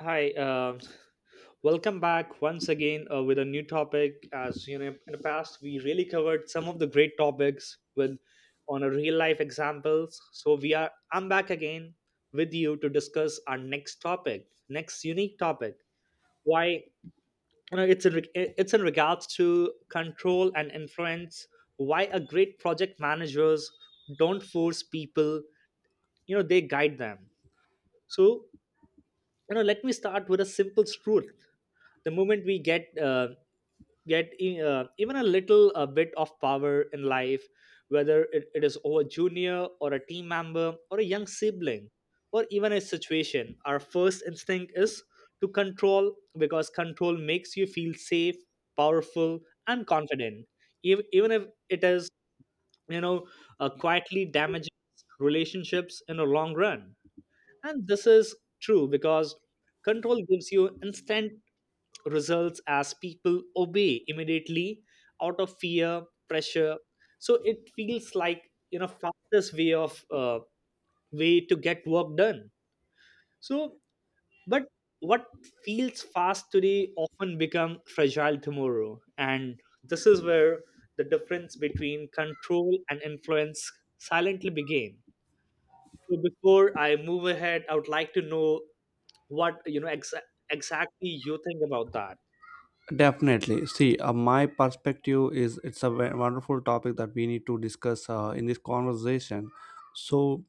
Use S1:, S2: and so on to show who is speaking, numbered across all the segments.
S1: Hi, welcome back once again with a new topic. As you know, in the past we really covered some of the great topics with on a real life examples. So we are I'm back again with you to discuss our next topic, next unique topic. Why you know it's in it's in regards to control and influence. Why a great project managers don't force people, they guide them. So let me start with a simple truth, the moment we get even a little bit of power in life, whether it is over junior or a team member or a young sibling or even a situation, our first instinct is to control, because control makes you feel safe, powerful, and confident. Even if it is, you know quietly damages relationships in the long run. And this is true because control gives you instant results as people obey immediately out of fear, pressure. So it feels like, fastest way of way to get work done. So, but what feels fast today often become fragile tomorrow, and this is where the difference between control and influence silently begin. So, before I move ahead, I would like to know what exactly you think about that.
S2: Definitely. See, my perspective is it's a wonderful topic that we need to discuss in this conversation. So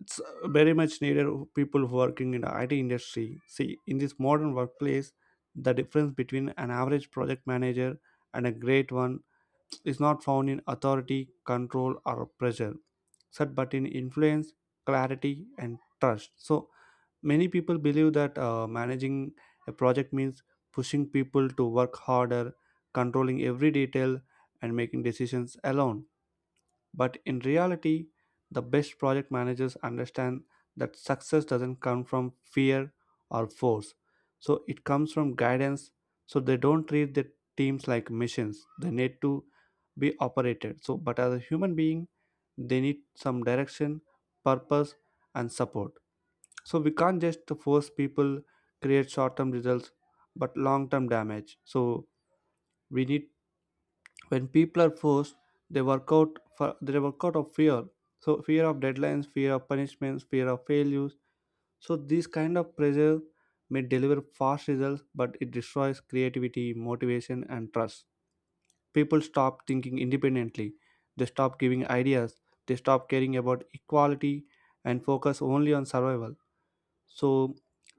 S2: it's very much needed of people working in the IT industry. See, in this modern workplace, the difference between an average project manager and a great one is not found in authority, control, or pressure, set but in influence, clarity, and trust. So many people believe that managing a project means pushing people to work harder, controlling every detail, and making decisions alone. But in reality, the best project managers understand that success doesn't come from fear or force. So it comes from guidance. So they don't treat their teams like missions. They need to be operated. So, but as a human being, they need some direction, purpose, and support. So we can't just force people create short-term results but long-term damage. So we need when people are forced, they work out of fear. So fear of deadlines, fear of punishments, fear of failures. So this kind of pressure may deliver fast results, but it destroys creativity, motivation, and trust. People stop thinking independently. They stop giving ideas. They stop caring about equality and focus only on survival. So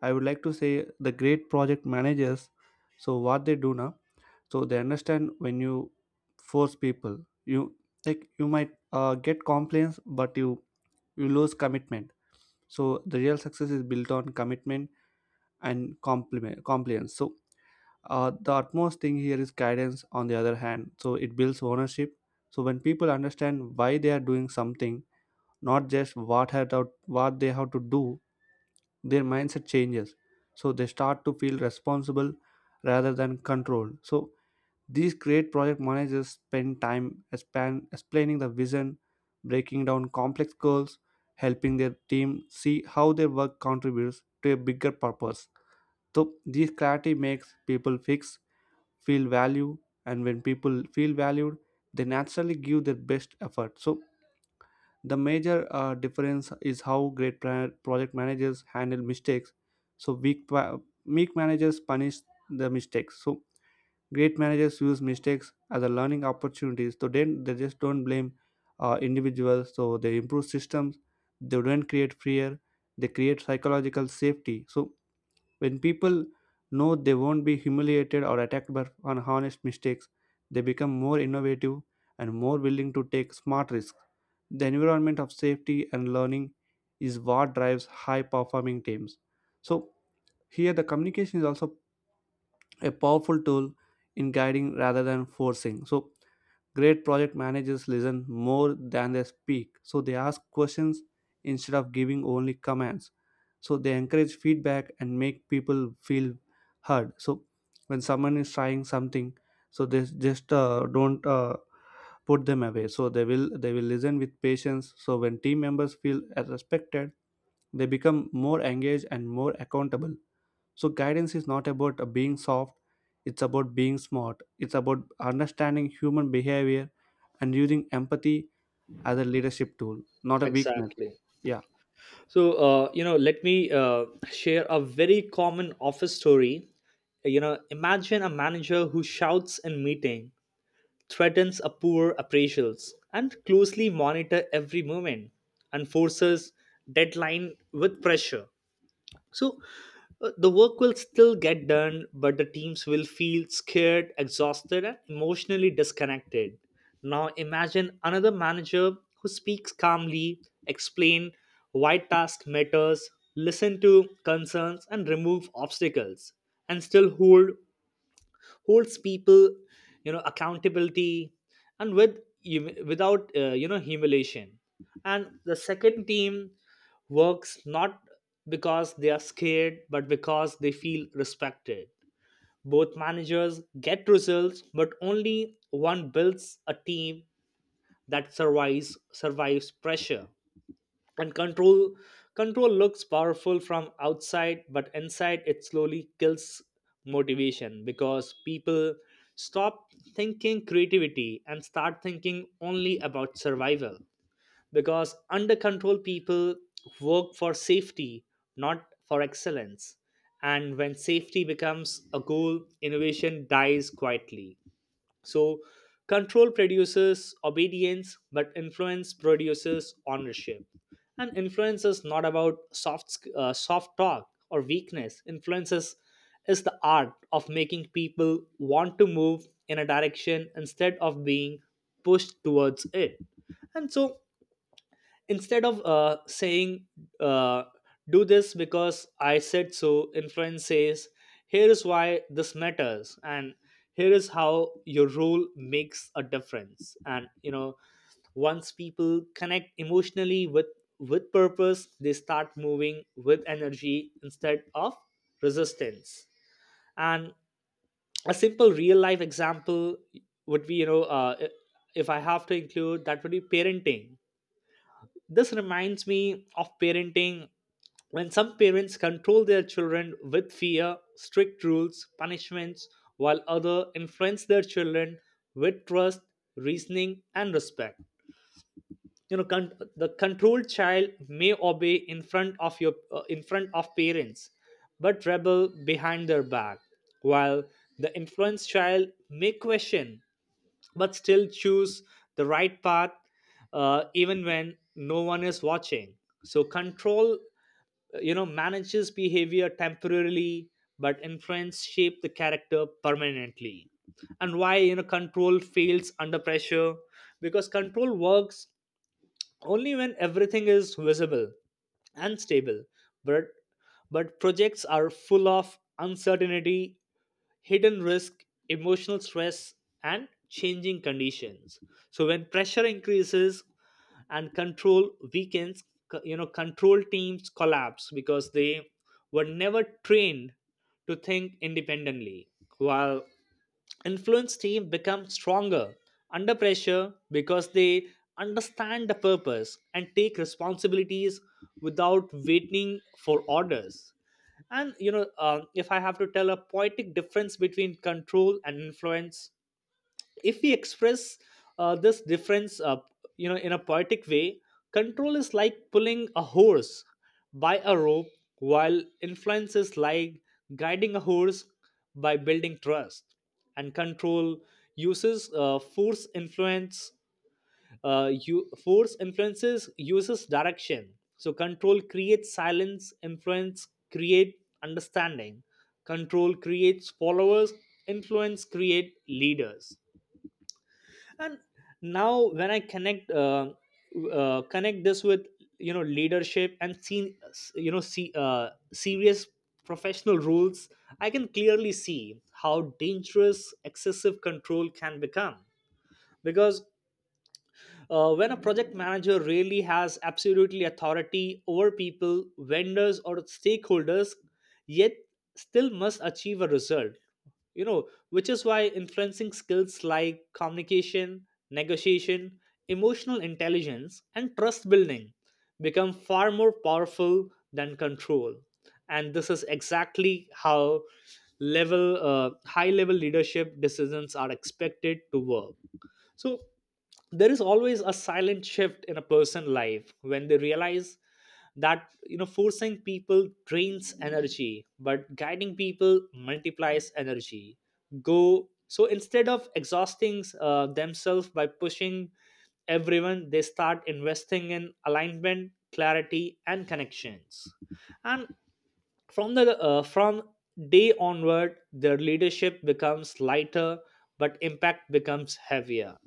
S2: I would like to say the great project managers, so what they do now, so they understand when you force people, you like you might get complaints but you lose commitment. So the real success is built on commitment and compliment compliance. So the utmost thing here is guidance. On the other hand, so it builds ownership. So when people understand why they are doing something, not just what had out what they have to do, their mindset changes. So they start to feel responsible rather than controlled. So these great project managers spend time explaining the vision, breaking down complex goals, helping their team see how their work contributes to a bigger purpose. So this clarity makes people fix feel value, and when people feel valued, they naturally give their best effort. So the major difference is how great project managers handle mistakes. So weak, weak managers punish the mistakes. So great managers use mistakes as a learning opportunities. So then they just don't blame individuals. So they improve systems. They don't create fear. They create psychological safety. So when people know they won't be humiliated or attacked by on honest mistakes, they become more innovative and more willing to take smart risks. The environment of safety and learning is what drives high performing teams. So, here the communication is also a powerful tool in guiding rather than forcing. So, great project managers listen more than they speak, so they ask questions instead of giving only commands. So they encourage feedback and make people feel heard. So when someone is trying something, so they just don't put them away. So they will listen with patience. So when team members feel as respected, they become more engaged and more accountable. So guidance is not about being soft, it's about being smart, it's about understanding human behavior and using empathy as a leadership tool, not a weakness.
S1: Exactly.
S2: Yeah.
S1: So let me share a very common office story. You know, imagine a manager who shouts in meeting, threatens a poor appraisals, and closely monitor every movement, and forces deadline with pressure. So the work will still get done, but the teams will feel scared, exhausted, and emotionally disconnected. Now imagine another manager who speaks calmly, explain why task matters, listen to concerns, and remove obstacles, and still holds people, accountability, and with without, humiliation. And the second team works not because they are scared but because they feel respected. Both managers get results, but only one builds a team that survives pressure and control. Control looks powerful from outside, but inside it slowly kills motivation because people stop thinking creativity and start thinking only about survival, because under control people work for safety, not for excellence. And when safety becomes a goal, innovation dies quietly. So control produces obedience, but influence produces ownership. And influence is not about soft talk or weakness. Is the art of making people want to move in a direction instead of being pushed towards it. And so, instead of saying, uh, do this because I said so, influence says, here is why this matters, and here is how your role makes a difference. And once people connect emotionally with purpose, they start moving with energy instead of resistance. And a simple real life example would be, if I have to include, that would be parenting. This reminds me of parenting, when some parents control their children with fear, strict rules, punishments, while others influence their children with trust, reasoning, and respect. You know, the controlled child may obey in front of your, in front of parents, but rebel behind their back, while the influenced child may question but still choose the right path, even when no one is watching. So control, manages behavior temporarily, but influence shape the character permanently. And why, control fails under pressure? Because control works only when everything is visible and stable. But projects are full of uncertainty, hidden risk, emotional stress, and changing conditions. So when pressure increases and control weakens, control teams collapse because they were never trained to think independently. While influence team become stronger under pressure because they understand the purpose and take responsibilities without waiting for orders. And if I have to tell a poetic difference between control and influence, if we express this difference up, in a poetic way, control is like pulling a horse by a rope, while influence is like guiding a horse by building trust. And control uses, force, influence, you force influences uses direction. So control creates silence, influence create understanding, control creates followers, influence create leaders. And now when I connect this with, leadership, and see, serious professional rules, I can clearly see how dangerous excessive control can become. Because when a project manager really has absolutely authority over people, vendors, or stakeholders, yet still must achieve a result. You know, which is why influencing skills like communication, negotiation, emotional intelligence, and trust building become far more powerful than control. And this is exactly how level high level leadership decisions are expected to work. So there is always a silent shift in a person's life when they realize that, forcing people drains energy but guiding people multiplies energy. Go, so instead of exhausting, themselves by pushing everyone, they start investing in alignment, clarity, and connections. And from the from day onward, their leadership becomes lighter, but impact becomes heavier.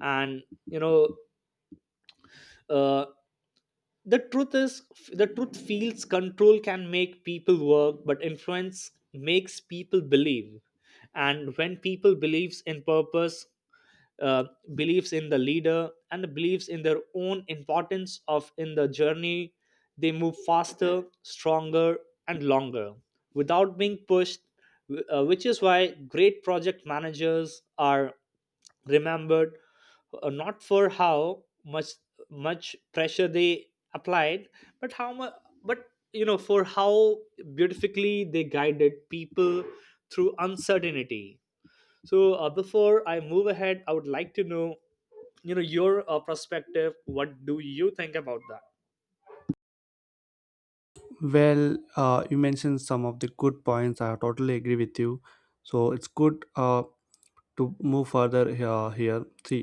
S1: And uh, the truth is, the truth feels control can make people work, but influence makes people believe. And when people believes in purpose, uh, believes in the leader, and believes in their own importance of in the journey, they move faster, stronger, and longer without being pushed. Which is why great project managers are remembered, not for how much pressure they applied, but how much, but for how beautifully they guided people through uncertainty. So, before I move ahead, I would like to know your, perspective. What do you think about that?
S2: Well, you mentioned some of the good points, I totally agree with you. So it's good to move further. Here see,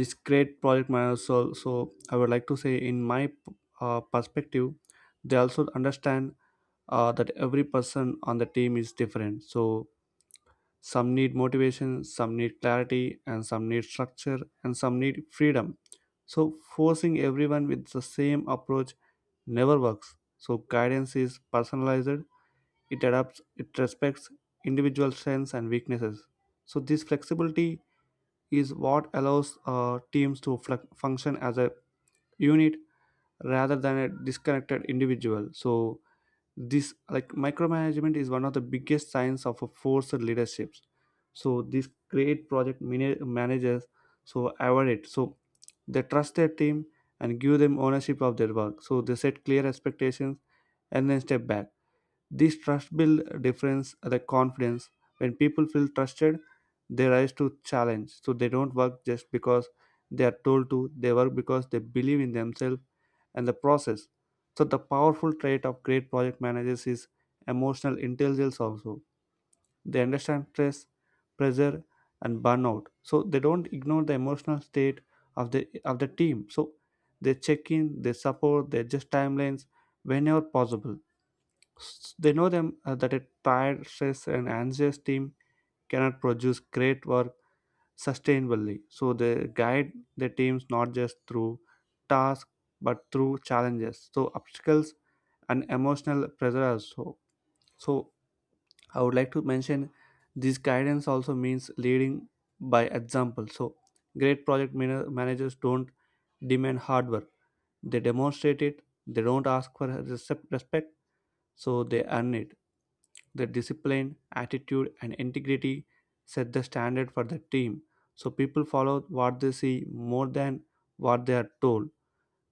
S2: this great project managers. So so I would like to say in my perspective, they also understand that every person on the team is different. So some need motivation, some need clarity, and some need structure, and some need freedom. So, forcing everyone with the same approach never works. So, guidance is personalized, it adapts, it respects individual strengths and weaknesses. So, this flexibility is what allows teams to function as a unit rather than a disconnected individual. So, this like micromanagement is one of the biggest signs of a forced leadership. So these great project managers so avoid it. So they trust their team and give them ownership of their work. So they set clear expectations and then step back. This trust builds difference the confidence. When people feel trusted, they rise to challenge. So they don't work just because they are told to. They work because they believe in themselves and the process. So the powerful trait of great project managers is emotional intelligence also. They understand stress, pressure, and burnout. So they don't ignore the emotional state of the team. So they check in, they support, they adjust timelines whenever possible. They know them that a tired, stressed, and anxious team cannot produce great work sustainably. So they guide their teams not just through tasks but through challenges. So obstacles and emotional pressure also. So I would like to mention this guidance also means leading by example. So great project managers don't demand hard work; they demonstrate it. They don't ask for respect, so they earn it. Their discipline, attitude, and integrity set the standard for the team. So people follow what they see more than what they are told.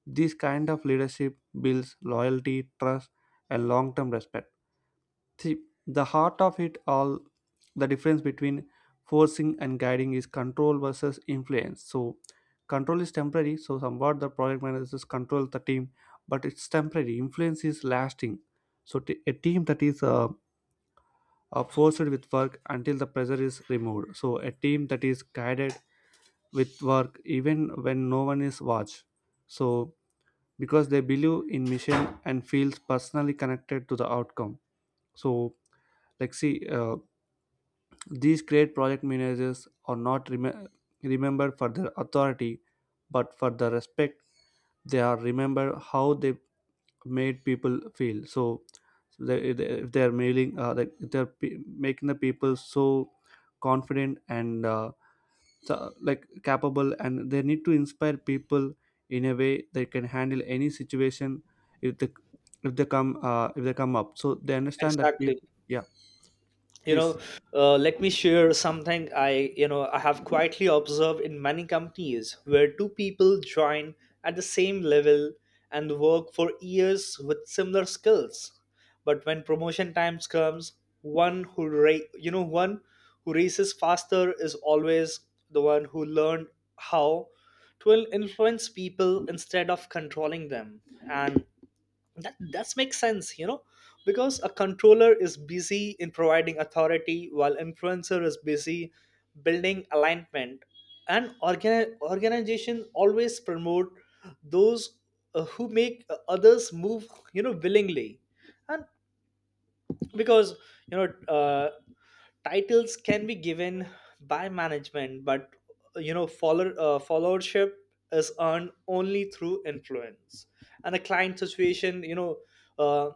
S2: This kind of leadership builds loyalty, trust, and long term respect. See, the heart of it all, the difference between forcing and guiding is control versus influence. So, control is temporary, so, somewhat the project managers control the team, but it's temporary. Influence is lasting. So, a team that is forced with work until the pressure is removed. So a team that is guided with work even when no one is watched. So because they believe in mission and feels personally connected to the outcome. So like see these great project managers are not remembered for their authority but for the respect. They are remembered how they made people feel. So if they are mailing like if they're making the people so confident and so, like capable, and they need to inspire people in a way they can handle any situation. If they if they come up, so they understand that people.
S1: Exactly.
S2: Yeah.
S1: you
S2: Please.
S1: know let me share something. I you know I have quietly observed in many companies where two people join at the same level and work for years with similar skills, but when promotion times comes, one who one who races faster is always the one who learned how to influence people instead of controlling them. And that makes sense, you know, because a controller is busy in providing authority, while influencer is busy building alignment. And organization always promote those, who make, others move, willingly. And because, you know uh, titles can be given by management, but followership is earned only through influence. And a client situation, uh,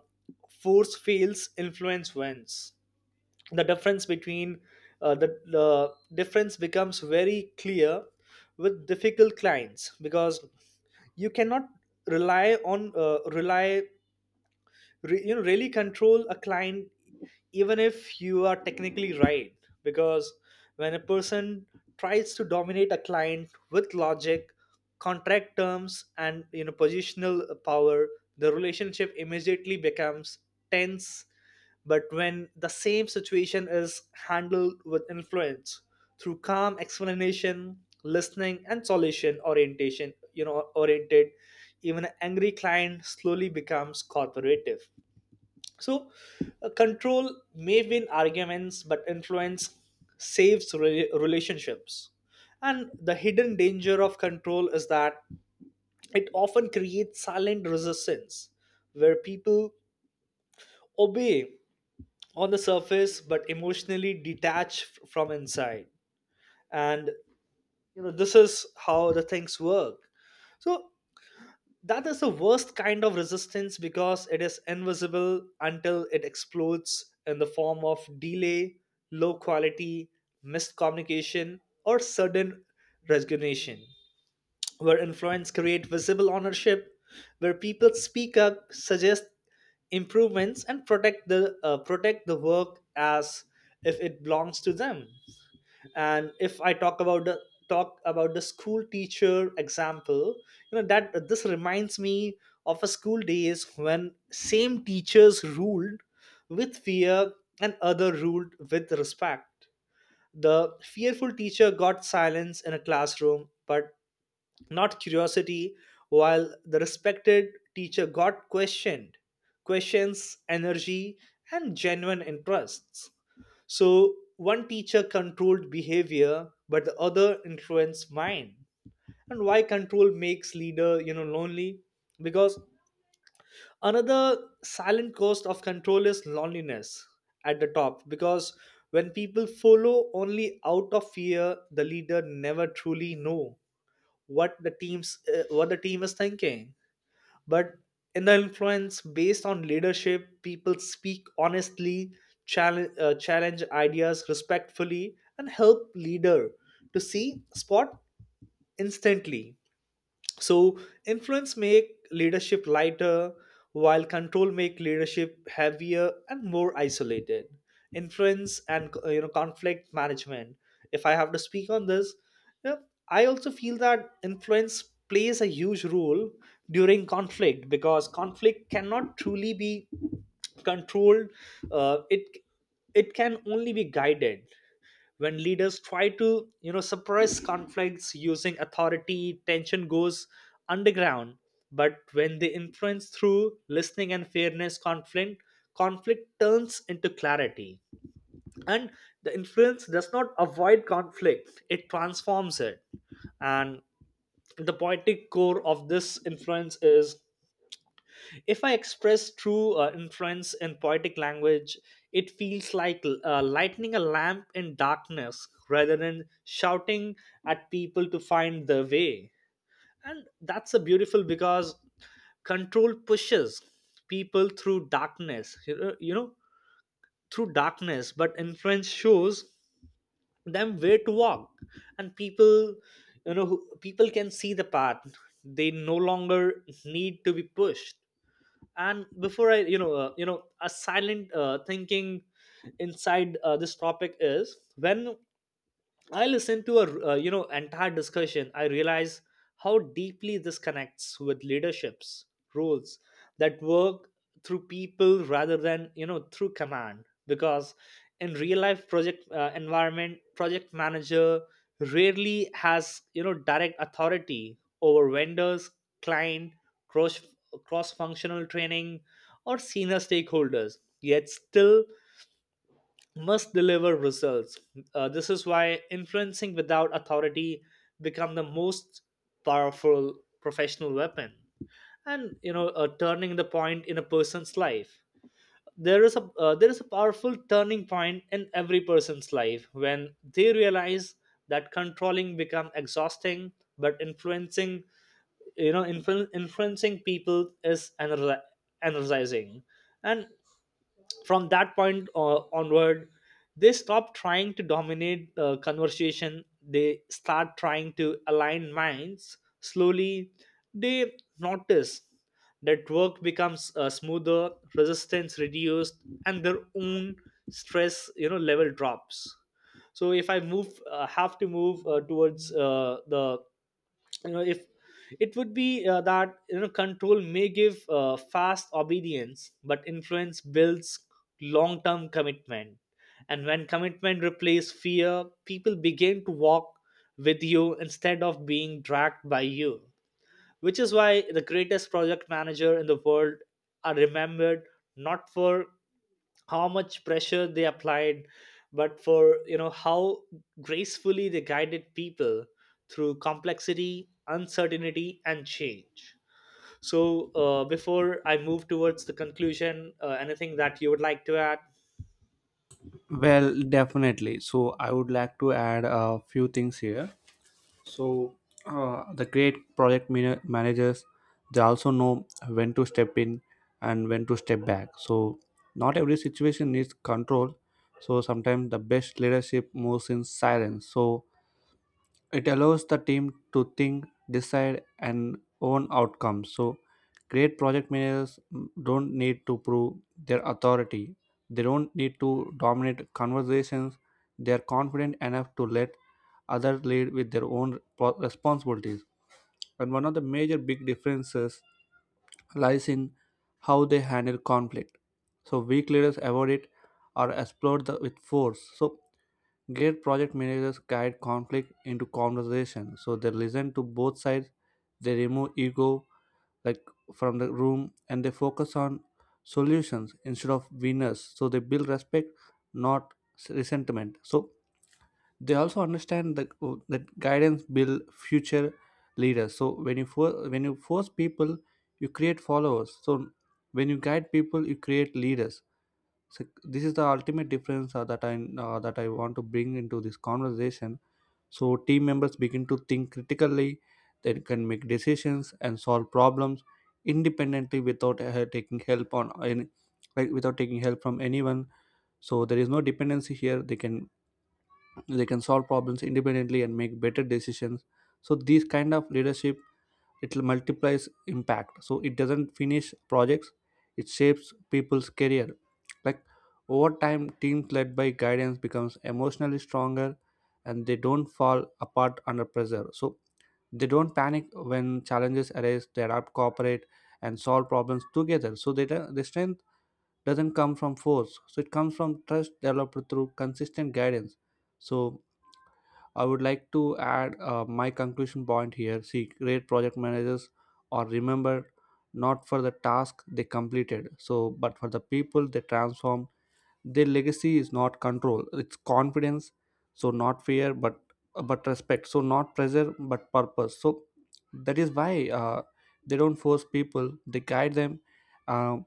S1: force fails, influence wins. The difference between, the difference becomes very clear with difficult clients, because you cannot rely re- you know really control a client, even if you are technically right. Because when a person tries to dominate a client with logic, contract terms, and positional power, the relationship immediately becomes tense. But when the same situation is handled with influence, through calm explanation, listening, and solution orientation you know oriented, even an angry client slowly becomes cooperative. So, control may win arguments, but influence saves relationships. And the hidden danger of control is that it often creates silent resistance, where people obey on the surface but emotionally detach from inside. And this is how the things work. So that is the worst kind of resistance because it is invisible until it explodes in the form of delay, low quality, missed communication, or sudden resignation. Where influence create visible ownership, where people speak up, suggest improvements, and protect the, protect the work as if it belongs to them. And if I talk about the school teacher example, you know, that this reminds me of a school days, when same teachers ruled with fear and other ruled with respect. The fearful teacher got silence in a classroom, but not curiosity, while the respected teacher got questions, energy, and genuine interests. So one teacher controlled behavior, but the other influenced mind. And why control makes leader, you know, lonely? Because another silent cost of control is loneliness at the top, because when people follow only out of fear, the leader never truly know what the team's what the team is thinking. But in the influence based on leadership, people speak honestly, challenge challenge ideas respectfully, and help leader to see spot instantly. So influence make leadership lighter, while control make leadership heavier and more isolated. Influence and conflict management, if I have to speak on this, you know, I also feel that influence plays a huge role during conflict, because conflict cannot truly be controlled. It it can only be guided. When leaders try to suppress conflicts using authority, tension goes underground. But when they influence through listening and fairness, conflict turns into clarity. And the influence does not avoid conflict, it transforms it. And the poetic core of this influence is, if I express true influence in poetic language, it feels like lighting a lamp in darkness rather than shouting at people to find their way. And that's a beautiful, because control pushes people through darkness, through darkness, but influence shows them where to walk. And people, people can see the path. They no longer need to be pushed. And before I a silent thinking inside this topic is, when I listened to a entire discussion, I realize how deeply this connects with leaderships roles that work through people rather than through command. Because in real life project environment, project manager rarely has direct authority over vendors, client, cross cross functional training, or senior stakeholders. Yet still must deliver results. This is why influencing without authority become the most powerful professional weapon, and turning the point in a person's life. There is a powerful turning point in every person's life when they realize that controlling become exhausting, but influencing, influencing people is energizing. And from that point onward, they stop trying to dominate the conversation. They start trying to align minds slowly. They notice that work becomes smoother, resistance reduced, and their own stress level drops. So if I move have to move towards the, if it would be that control may give fast obedience, but influence builds long term commitment. And when commitment replaces fear, people begin to walk with you instead of being dragged by you, which is why the greatest project manager in the world are remembered not for how much pressure they applied, but for how gracefully they guided people through complexity, uncertainty and change. So before I move towards the conclusion, anything that you would like to add.
S2: Well, definitely, so I would like to add a few things here. So the great project managers, they also know when to step in and when to step back. So not every situation needs control. So sometimes the best leadership moves in silence. So it allows the team to think, decide, and own outcomes. So, great project managers don't need to prove their authority, they don't need to dominate conversations. They are confident enough to let others lead with their own responsibilities. And one of the major big differences lies in how they handle conflict. So weak leaders avoid it or exploit the, with force. So great project managers guide conflict into conversation. So they listen to both sides. They remove ego like from the room and they focus on solutions instead of winners. So they build respect, not resentment. So they also understand that oh, that guidance build future leaders. So when you when you force people, you create followers. So when you guide people, you create leaders. So this is the ultimate difference that I want to bring into this conversation. So team members begin to think critically, they can make decisions and solve problems independently without taking help on any, like without taking help from anyone. So there is no dependency here. They can solve problems independently and make better decisions. So these kind of leadership, it multiplies impact. So it doesn't finish projects, it shapes people's career. Like over time, teams led by guidance becomes emotionally stronger, and they don't fall apart under pressure. So they don't panic when challenges arise, they adapt, cooperate, and solve problems together. So they don't- the strength doesn't come from force. So it comes from trust developed through consistent guidance. So I would like to add my conclusion point here. See, great project managers are remembered not for the task they completed, so but for the people they transformed. Their legacy is not control; it's confidence. So not fear, but respect. So not pressure, but purpose. So that is why they don't force people; they guide them. Um,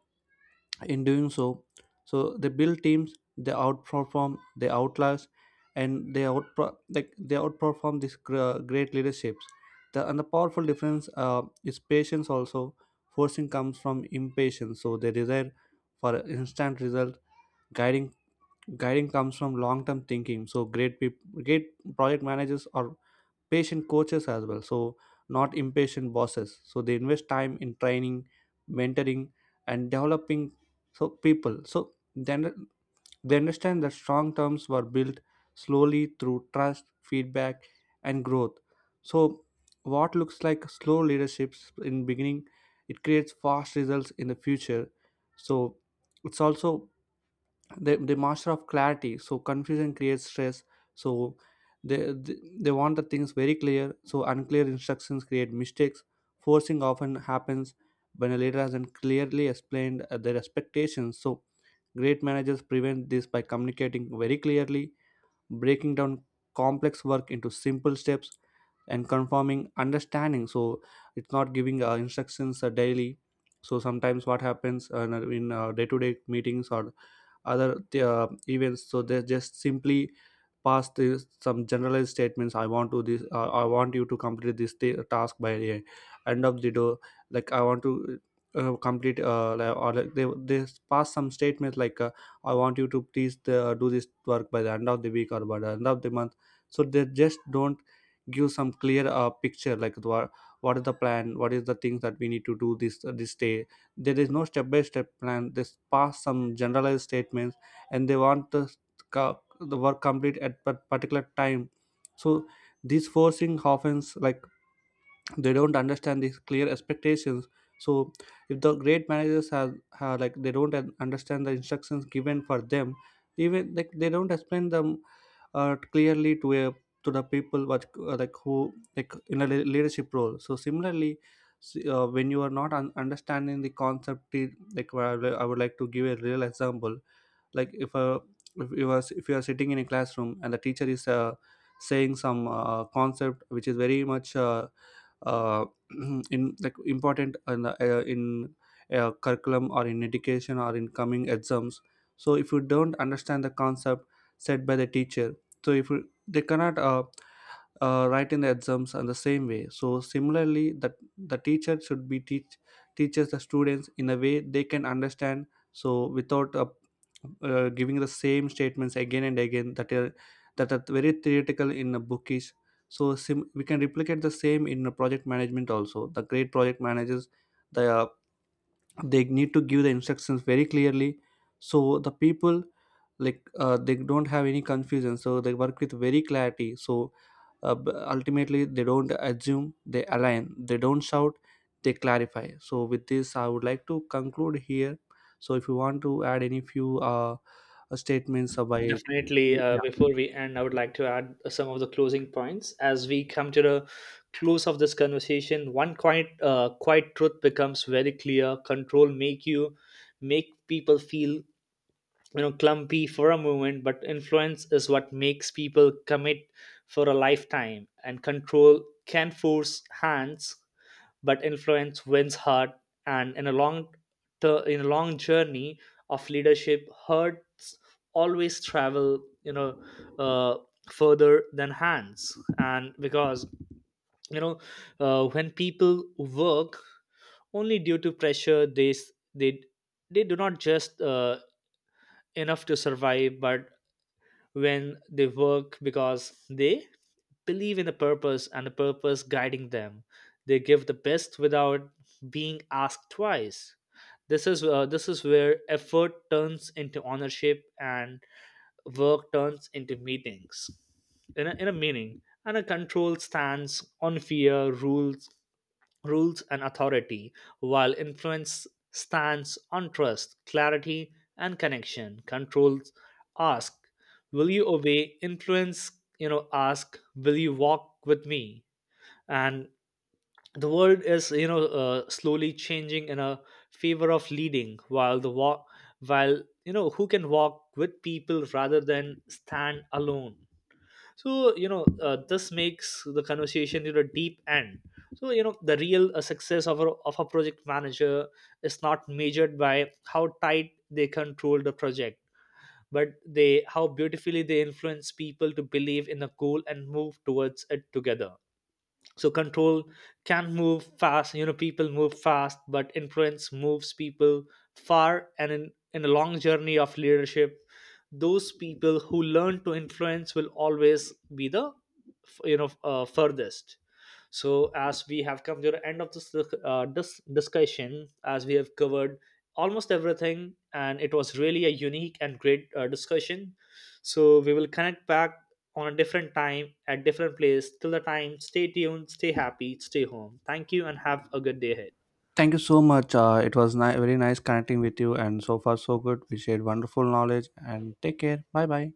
S2: in doing so, so they build teams, they outperform, they outlast, and they out, like they outperform these great leaderships. The, and the powerful difference is patience also. Forcing comes from impatience, so they desire for instant result. guiding Guiding comes from long term thinking. So great great project managers are patient coaches as well, so not impatient bosses. So they invest time in training, mentoring, and developing. So people, so then they understand that strong terms were built slowly through trust, feedback, and growth. So what looks like slow leaderships in beginning, it creates fast results in the future. So it's also they the master of clarity. So confusion creates stress. So they, they they want the things very clear. So unclear instructions create mistakes. Forcing often happens when a leader hasn't clearly explained their expectations. So great managers prevent this by communicating very clearly, breaking down complex work into simple steps and confirming understanding. So it's not giving instructions daily. So sometimes what happens in day-to-day meetings or other events, so they just simply pass this some generalized statements. I want you to complete this task by the end of the door, like I want to or like they pass some statements like I want you to please do this work by the end of the week or by the end of the month. So they just don't give some clear picture, like what is the plan, what is the things that we need to do this this day. There is no step by step plan. They pass some generalized statements and they want us the work complete at a particular time. So these forcing often, like, they don't understand these clear expectations. So if the great managers have like they don't understand the instructions given for them, even like they don't explain them clearly to a to the people what like who like in a leadership role. So similarly, when you are not understanding the concept, like well, I would like to give a real example. like if a if you are sitting in a classroom and the teacher is saying some concept which is very much uh, in like important in curriculum or in education or in coming exams. So if you don't understand the concept said by the teacher, so if you, they cannot write in the exams in the same way. So similarly, that the teacher should be teaches the students in a way they can understand. So without giving the same statements again and again that are very theoretical in a bookish. So we can replicate the same in a project management also. The great project managers, they are they need to give the instructions very clearly. So the people like they don't have any confusion, so they work with very clarity. So ultimately they don't assume, they align, they don't shout, they clarify. So with this, I would like to conclude here. So if you want to add any few statements by.
S1: Definitely,
S2: Yeah,
S1: before we end I would like to add some of the closing points. As we come to the close of this conversation, one quite truth becomes very clear. Control make you make people feel clumpy for a moment, but influence is what makes people commit for a lifetime. And control can force hands, but influence wins heart. And in a in a long journey of leadership, hearts always travel, uh, further than hands. And because, you know when people work only due to pressure, they do not just enough to survive. But when they work because they believe in a purpose, and the purpose guiding them, they give the best without being asked twice. This is where effort turns into ownership, and work turns into meetings in in a meaning. And a control stands on fear, rules and authority, while influence stands on trust, clarity, and connection. Controls ask, will you obey? Influence, ask, will you walk with me? And the world is, slowly changing in a favor of leading, while the walk, while who can walk with people rather than stand alone. So this makes the conversation deep end. So the real success of of a project manager is not measured by how tight they control the project, but they how beautifully they influence people to believe in a goal and move towards it together. So control can move fast, people move fast, but influence moves people far. And in a long journey of leadership, those people who learn to influence will always be the furthest. So, as we have come to the end of this discussion, as we have covered almost everything, and it was really a unique and great discussion. So, we will connect back on a different time at different place. Till the time, stay tuned, stay happy, stay home. Thank you, and have a good day ahead.
S2: thank you so much. It was very nice connecting with you, and so far so good, we shared wonderful knowledge, and take care, bye bye.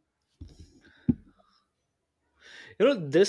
S1: You know, this